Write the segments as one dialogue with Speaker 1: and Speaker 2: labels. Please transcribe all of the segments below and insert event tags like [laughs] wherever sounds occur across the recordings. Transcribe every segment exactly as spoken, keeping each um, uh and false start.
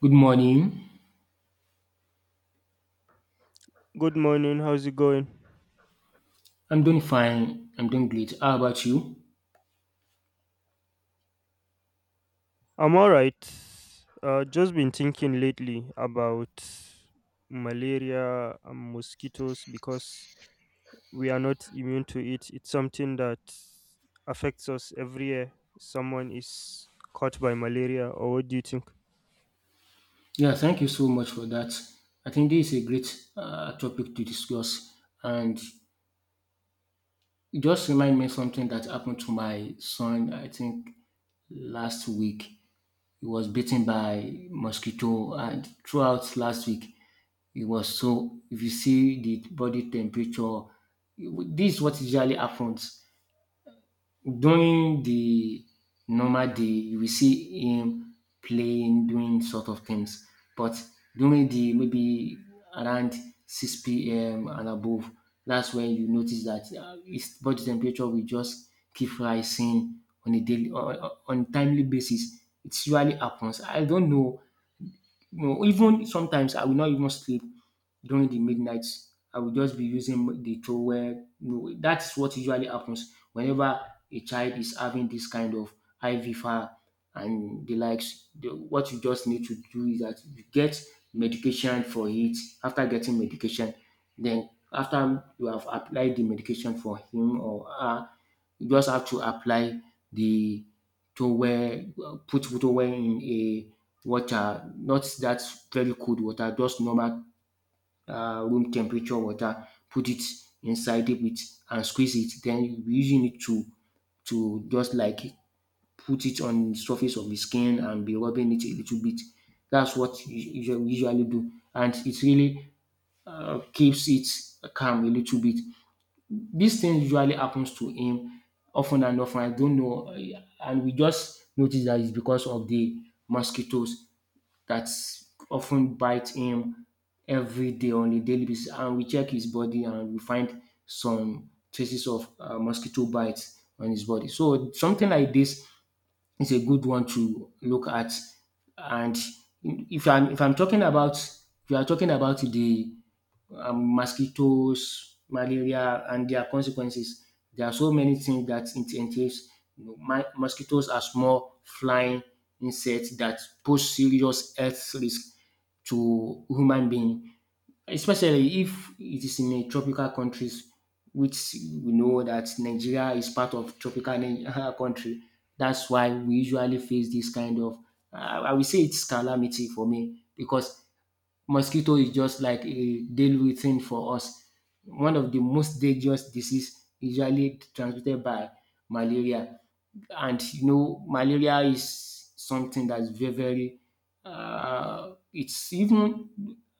Speaker 1: Good morning.
Speaker 2: Good morning. How's it going?
Speaker 1: I'm doing fine. I'm doing great. How about you?
Speaker 2: I'm all right. Uh, just been thinking lately about malaria and mosquitoes because we are not immune to it. It's something that affects us every year. Someone is caught by malaria, or what do you think?
Speaker 1: Yeah, thank you so much for that. I think this is a great uh, topic to discuss, and it just remind me something that happened to my son. I think last week he was bitten by mosquito, and throughout last week it was so if you see the body temperature, this is what usually happens. During the normal day, you will see him playing, doing sort of things. But during the maybe around six p m and above, that's when you notice that uh, his body temperature will just keep rising on a daily, on, on timely basis. It usually happens. I don't know, you know, even sometimes I will not even sleep during the midnight. I will just be using the towel. You know, that's what usually happens whenever a child is having this kind of I V fever and the likes. The, what you just need to do is that you get medication for it. After getting medication, then after you have applied the medication for him or her, you just have to apply the towel, uh, put towel in a water, not that very cold water, just normal um room temperature water, put it inside it with, and squeeze it. Then you be using it to to just like put it on the surface of the skin and be rubbing it a little bit. That's what you usually we usually do, and it really um keeps it calm a little bit. This thing usually happens to him often and often. I don't know, uh, and we just notice that it's because of the mosquitoes that often bite him every day on a daily basis. And we check his body and we find some traces of uh, mosquito bites on his body. So something like this is a good one to look at. And if I'm if I'm talking about if you are talking about the um, mosquitoes, malaria, and their consequences. There are so many things that it entails. You know, my, mosquitoes are small flying insects that pose serious health risk to human being, especially if it is in a tropical countries, which we know that Nigeria is part of tropical ni- [laughs] country. That's why we usually face this kind of, uh, I will say it's calamity for me, because mosquito is just like a daily thing for us. One of the most dangerous disease usually transmitted by malaria, and you know malaria is something that's very very uh, it's even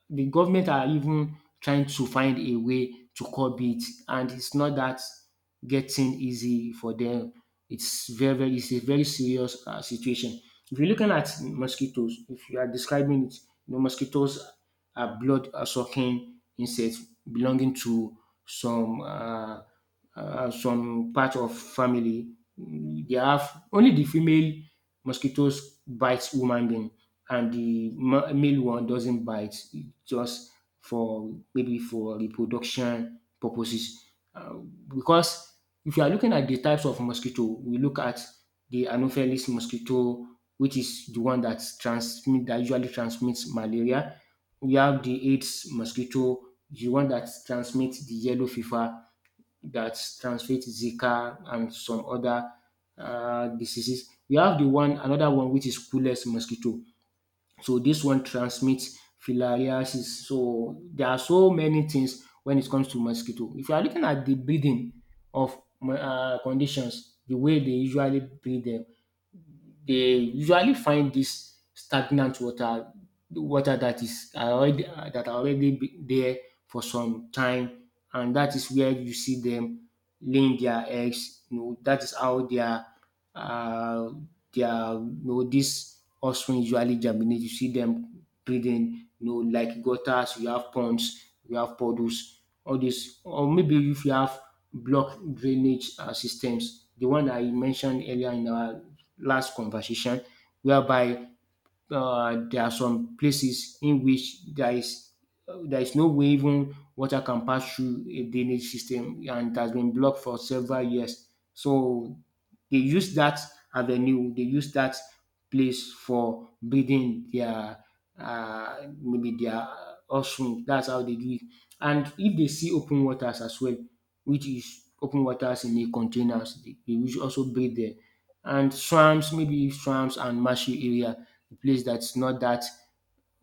Speaker 1: the government are even trying to find a way to curb it, and it's not that getting easy for them. It's very very it's a very serious uh, situation. If you're looking at mosquitoes, if you are describing it, you know mosquitoes are blood uh, sucking insects belonging to some uh, uh, some part of family. They have only the female mosquitoes bites human being, and the ma- male one doesn't bite, just for maybe for reproduction purposes, uh, because if you are looking at the types of mosquito, we look at the anopheles mosquito, which is the one that transmit that usually transmits malaria. We have the AIDS mosquito, the one that transmits the yellow fever, that transmit Zika and some other um diseases. We have the one another one, which is Culex mosquito. So this one transmits filariasis. So there are so many things when it comes to mosquito. If you are looking at the breeding of um conditions, the way they usually breed them, they usually find this stagnant water, water that is already that are already be- there for some time, and that is where you see them laying their eggs. You know, that is how their uh, their you know this offspring usually germinate. You see them breeding. You know, like gutters, you have ponds, you have puddles, all this, or maybe if you have block drainage uh, systems, the one I mentioned earlier in our last conversation whereby um there are some places in which there is uh, there is no way even water can pass through a drainage system, and it has been blocked for several years. So they use that avenue, they use that place for breeding their uh, maybe their offspring. That's how they do it. And if they see open waters as well, which is open waters in the containers, they, they will also breed there. And swamps, maybe swamps and marshy areas, a place that's not that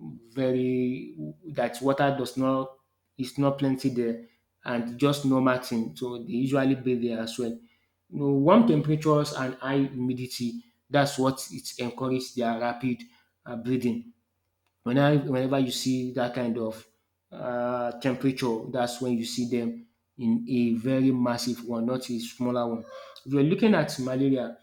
Speaker 1: very, that water does not, it's not plenty there, and just normal thing. So they usually bathe there as well. You know, warm temperatures and high humidity, that's what it encourages their rapid uh, breathing. Whenever, whenever you see that kind of uh, temperature, that's when you see them in a very massive one, not a smaller one. If you're looking at malaria,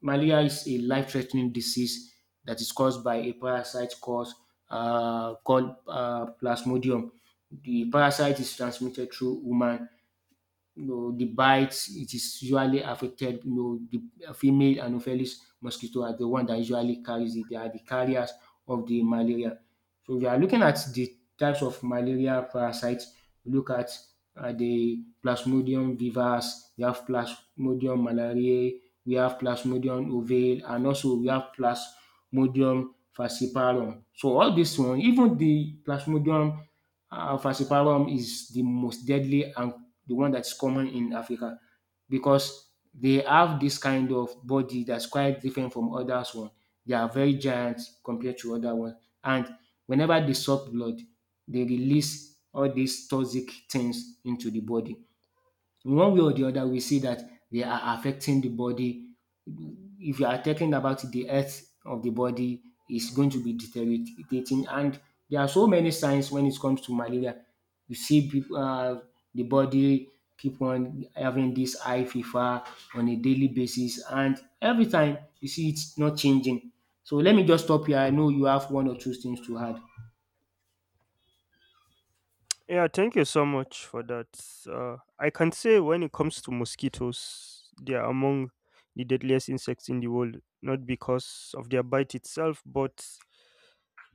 Speaker 1: malaria is a life-threatening disease that is caused by a parasite called, uh, called uh, Plasmodium. The parasite is transmitted through human, you know, the bites. It is usually affected, you know, the female anopheles mosquito are the one that usually carries it. They are the carriers of the malaria. So we are looking at the types of malaria parasites. We look at uh, the Plasmodium vivax, we have Plasmodium malariae, we have Plasmodium ovale, and also we have Plasmodium falciparum. So all this one, even the Plasmodium uh, falciparum is the most deadly and the one that's common in Africa, because they have this kind of body that's quite different from others one. They are very giant compared to other ones. And whenever they suck blood, they release all these toxic things into the body. One way or the other, we see that they are affecting the body. If you are talking about the health of the body, is going to be deteriorating. And there are so many signs when it comes to malaria. You see people, uh, the body keep on having this high fever on a daily basis, and every time you see it's not changing. So let me just stop here. I know you have one or two things to add.
Speaker 2: Yeah, thank you so much for that. Uh, I can say when it comes to mosquitoes, they are among the deadliest insects in the world, not because of their bite itself, but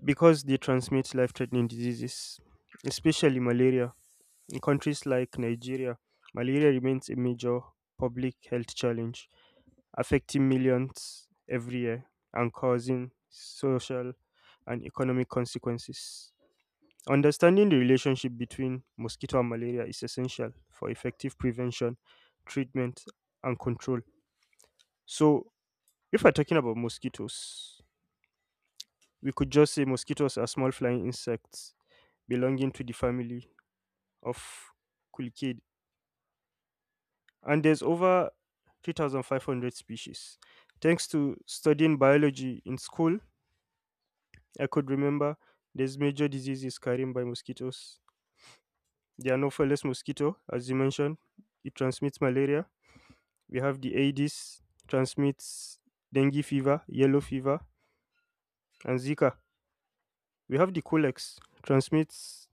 Speaker 2: because they transmit life threatening diseases, especially malaria. In countries like Nigeria, malaria remains a major public health challenge, affecting millions every year and causing social and economic consequences. Understanding the relationship between mosquito and malaria is essential for effective prevention, treatment, and control. So, if we're talking about mosquitoes, we could just say mosquitoes are small flying insects belonging to the family of Kulkid, and there's over three thousand five hundred species. Thanks to studying biology in school, I could remember there's major diseases carried by mosquitoes. The Anopheles mosquito, as you mentioned, it transmits malaria. We have the Aedes, transmits dengue fever, yellow fever, and Zika. We have the Colex, transmits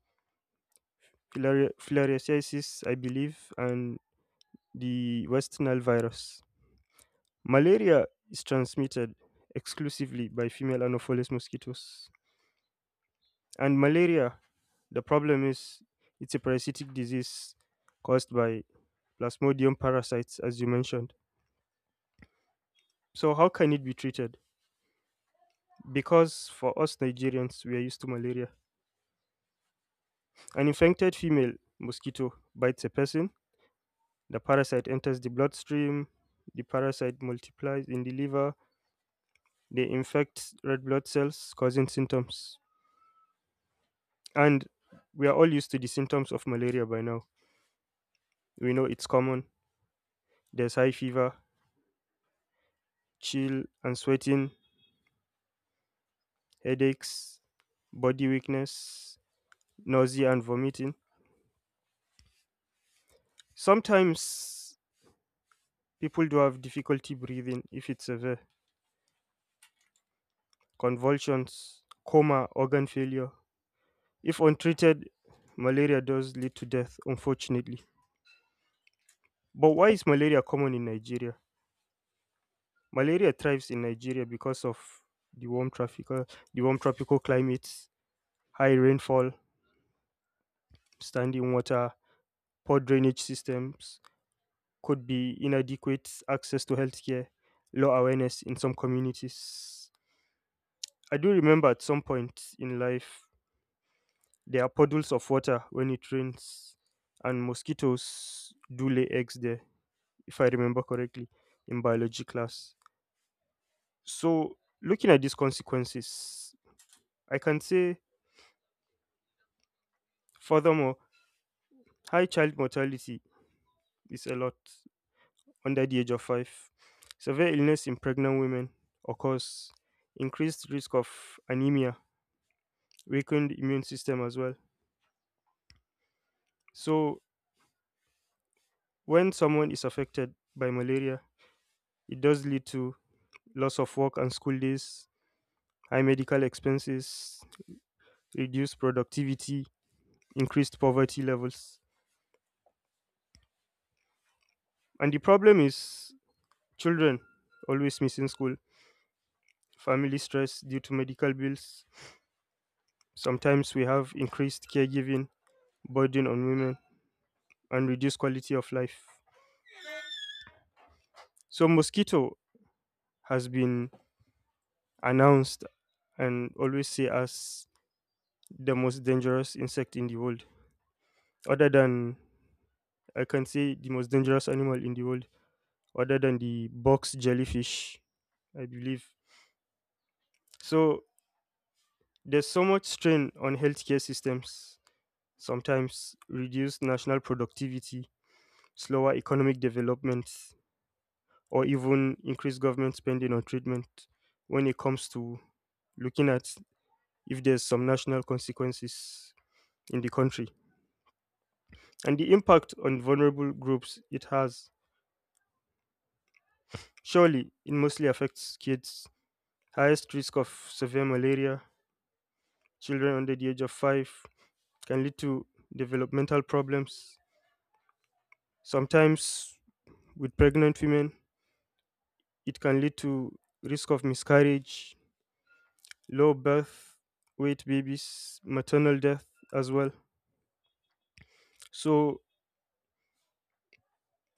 Speaker 2: filari- filariasis, I believe, and the West Nile virus. Malaria is transmitted exclusively by female Anopheles mosquitoes. And malaria, the problem is it's a parasitic disease caused by Plasmodium parasites, as you mentioned. So, how can it be treated? Because for us Nigerians, we are used to malaria. An infected female mosquito bites a person, the parasite enters the bloodstream, the parasite multiplies in the liver, they infect red blood cells, causing symptoms. And we are all used to the symptoms of malaria by now. We know it's common. There's high fever, chill and sweating, headaches, body weakness, nausea and vomiting. Sometimes people do have difficulty breathing if it's severe, convulsions, coma, organ failure. If untreated, malaria does lead to death, unfortunately. But why is malaria common in Nigeria? Malaria thrives in Nigeria because of the warm tropical, the warm tropical climates. High rainfall, standing water, poor drainage systems could be inadequate access to healthcare, low awareness in some communities. I do remember at some point in life, there are puddles of water when it rains, and mosquitoes do lay eggs there, if I remember correctly, in biology class. So, looking at these consequences, I can say, furthermore, high child mortality is a lot, under the age of five. Severe illness in pregnant women occurs, increased risk of anemia, weakened immune system as well. So, when someone is affected by malaria, it does lead to loss of work and school days, high medical expenses, reduced productivity, increased poverty levels. And the problem is children always missing school, family stress due to medical bills. Sometimes we have increased caregiving burden on women and reduce quality of life. So mosquito has been announced and always say as the most dangerous insect in the world. Other than, I can say, the most dangerous animal in the world, other than the box jellyfish, I believe. So there's so much strain on healthcare systems, sometimes reduced national productivity, slower economic development, or even increased government spending on treatment when it comes to looking at if there's some national consequences in the country and the impact on vulnerable groups it has. Surely it mostly affects kids. Highest risk of severe malaria, children under the age of five, can lead to developmental problems. Sometimes with pregnant women, it can lead to risk of miscarriage, low birth weight babies, maternal death as well. So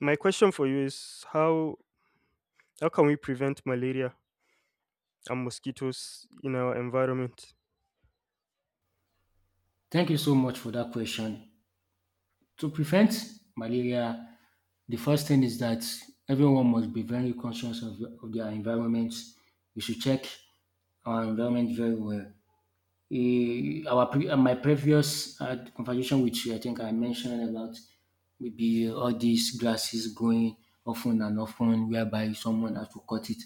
Speaker 2: my question for you is how how can we prevent malaria and mosquitoes in our environment.
Speaker 1: Thank you so much for that question. To prevent malaria, the first thing is that everyone must be very conscious of, of their environment. We should check our environment very well. Eh, our pre- uh, my previous uh, conversation with you, I think I mentioned about maybe all these grasses growing often and often, whereby someone has to cut it.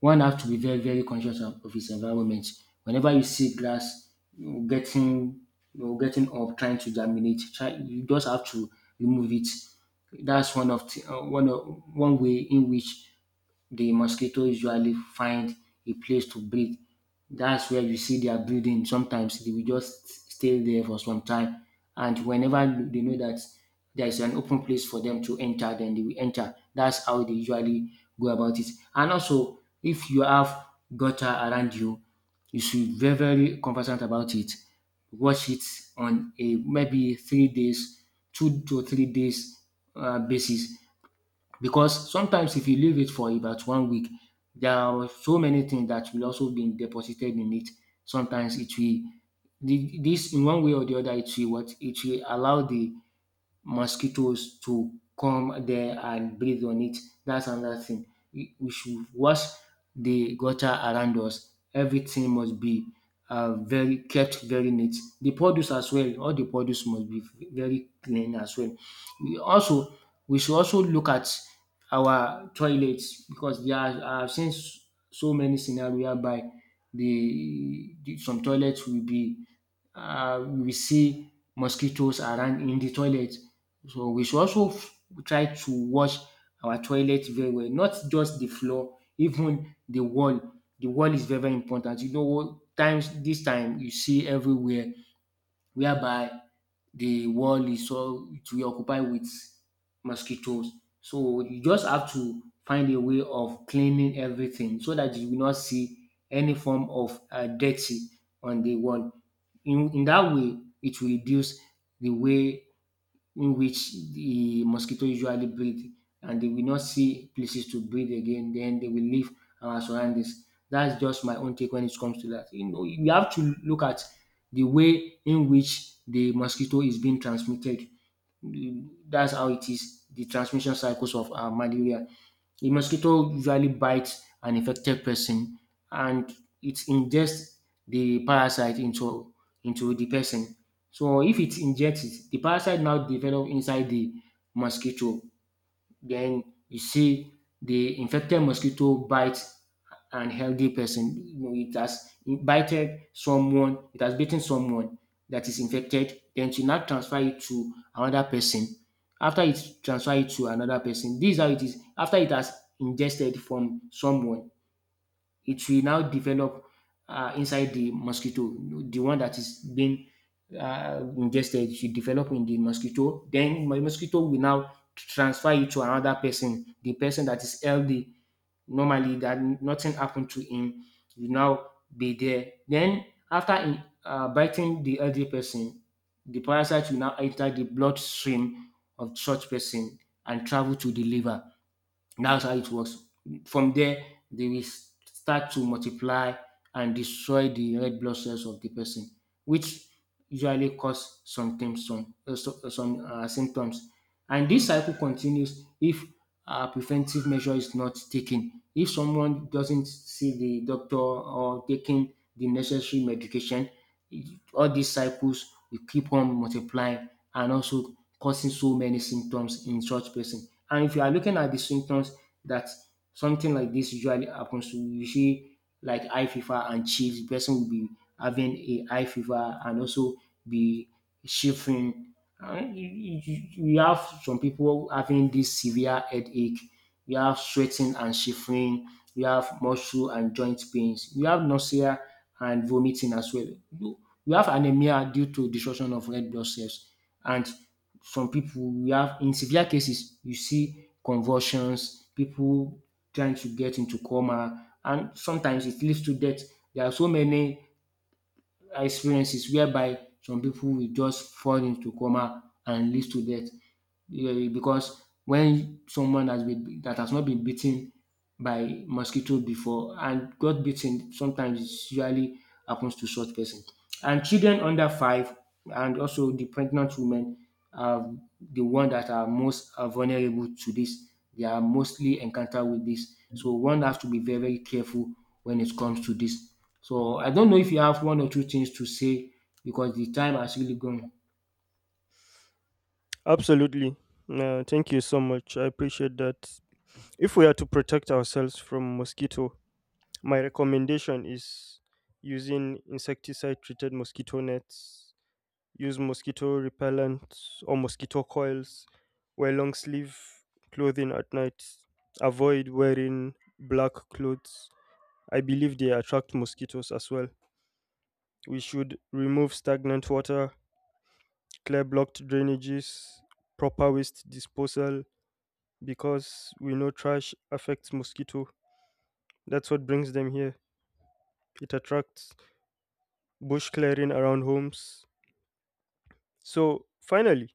Speaker 1: One has to be very, very conscious of of his environment. Whenever you see grass getting, you know, getting up, trying to germinate, try, you just have to remove it. That's one of the, uh, one of, one way in which the mosquito usually find a place to breed. That's where you see their breeding. Sometimes they will just stay there for some time, and whenever they know that there is an open place for them to enter, then they will enter. That's how they usually go about it. And also, if you have gutter around you, you should be very very conversant about it. Wash it on a maybe three days, two to three days uh, basis, because sometimes if you leave it for about one week, there are so many things that will also be deposited in it. Sometimes it will the, this in one way or the other, it will what it will allow the mosquitoes to come there and breathe on it. That's another thing. We we should wash the gutter around us. Everything must be uh, very kept very neat. The produce as well, all the produce must be very clean as well. We also we should also look at our toilets, because there are I've seen s- so many scenario by the, the some toilets will be uh, we see mosquitoes around in the toilet. So we should also f- try to wash our toilet very well, not just the floor, [laughs] even the wall. The wall is very, very important. You know, what times this time you see everywhere whereby the wall is all to be occupied with mosquitoes. So you just have to find a way of cleaning everything so that you will not see any form of uh, dirty on the wall. In, in that way, it will reduce the way in which the mosquito usually breed, and they will not see places to breed again. Then they will leave our surroundings. That's just my own take when it comes to that. You know, we have to look at the way in which the mosquito is being transmitted. That's how it is, the transmission cycles of uh, malaria. A mosquito usually bites an infected person and it ingests the parasite into into the person. So if it injects it, the parasite now develop inside the mosquito, then you see the infected mosquito bite an healthy person. You know, it has bited someone, it has bitten someone that is infected. Then to now transfer it to another person. After it transfer it to another person, this is how it is. After it has ingested from someone, it will now develop uh, inside the mosquito. The one that is being uh, ingested, it should develop in the mosquito. Then my mosquito will now transfer it to another person. The person that is healthy, normally that nothing happened to him, will now be there. Then after in, uh, biting the healthy person, the parasite will now enter the bloodstream of such person and travel to the liver. That's how it works. From there, they will start to multiply and destroy the red blood cells of the person, which usually cause some things, some, uh, so- uh, some uh, symptoms. And this cycle continues if a preventive measure is not taken. If someone doesn't see the doctor or taking the necessary medication, it- all these cycles will keep on multiplying and also causing so many symptoms in such person. And if you are looking at the symptoms that something like this usually happens to, you see like high fever and chills. The person will be having a high fever and also be shivering. And you, you, you you have some people having this severe headache, you have sweating and shivering, you have muscle and joint pains, you have nausea and vomiting as well. You, you have anemia due to destruction of red blood cells, and some people we have in severe cases you see convulsions, people trying to get into coma, and sometimes it leads to death. There are so many experiences whereby some people will just fall into coma and leads to death, um because when someone has been that has not been beaten by mosquito before and got bitten, sometimes it usually happens to such person. And children under five and also the pregnant women are the one that are most uh, vulnerable to this. They are mostly encounter with this. So one has to be very, very careful when it comes to this. So I don't know if you have one or two things to say, because the time has really gone.
Speaker 2: Absolutely. Uh, thank you so much. I appreciate that. If we are to protect ourselves from mosquito, my recommendation is using insecticide treated mosquito nets, use mosquito repellent or mosquito coils, wear long sleeve clothing at night, avoid wearing black clothes. I believe they attract mosquitoes as well. We should remove stagnant water, clear blocked drainages, proper waste disposal because we know trash affects mosquito. That's what brings them here. It attracts bush clearing around homes. So finally,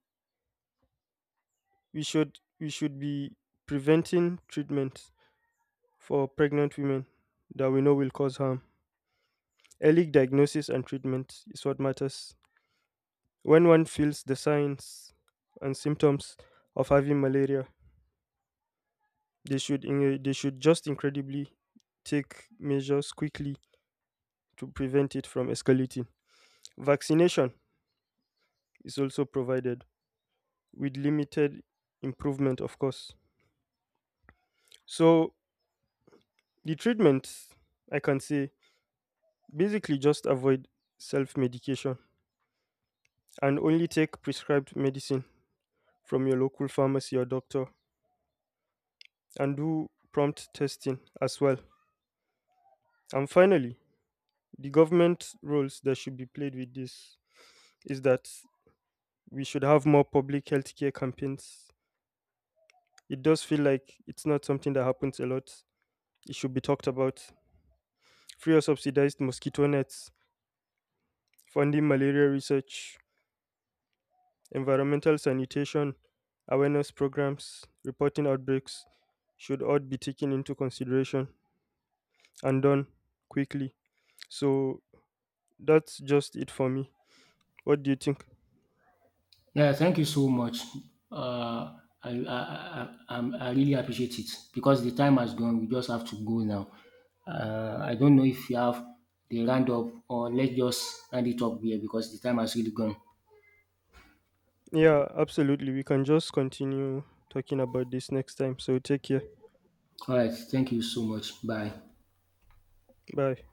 Speaker 2: we should we should be preventing treatment for pregnant women that we know will cause harm. Early diagnosis and treatment is what matters. When one feels the signs and symptoms of having malaria, they should in- uh, they should just incredibly take measures quickly to prevent it from escalating. Vaccination is also provided with limited improvement, of course. So the treatments, I can say, basically just avoid self-medication and only take prescribed medicine from your local pharmacy or doctor and do prompt testing as well. And finally, the government roles that should be played with this is that we should have more public healthcare campaigns. It does feel like it's not something that happens a lot. It should be talked about. Free or subsidized mosquito nets, funding malaria research, environmental sanitation, awareness programs, reporting outbreaks should all be taken into consideration and done quickly. So that's just it for me. What do you think?
Speaker 1: Yeah, thank you so much. Uh, I, I, I, I'm- I really appreciate it, because the time has gone. We just have to go now. Uh, I don't know if you have the roundup, or let's just round it up here, because the time has really gone.
Speaker 2: Yeah, absolutely. We can just continue talking about this next time. So take care.
Speaker 1: All right. Thank you so much. Bye.
Speaker 2: Bye.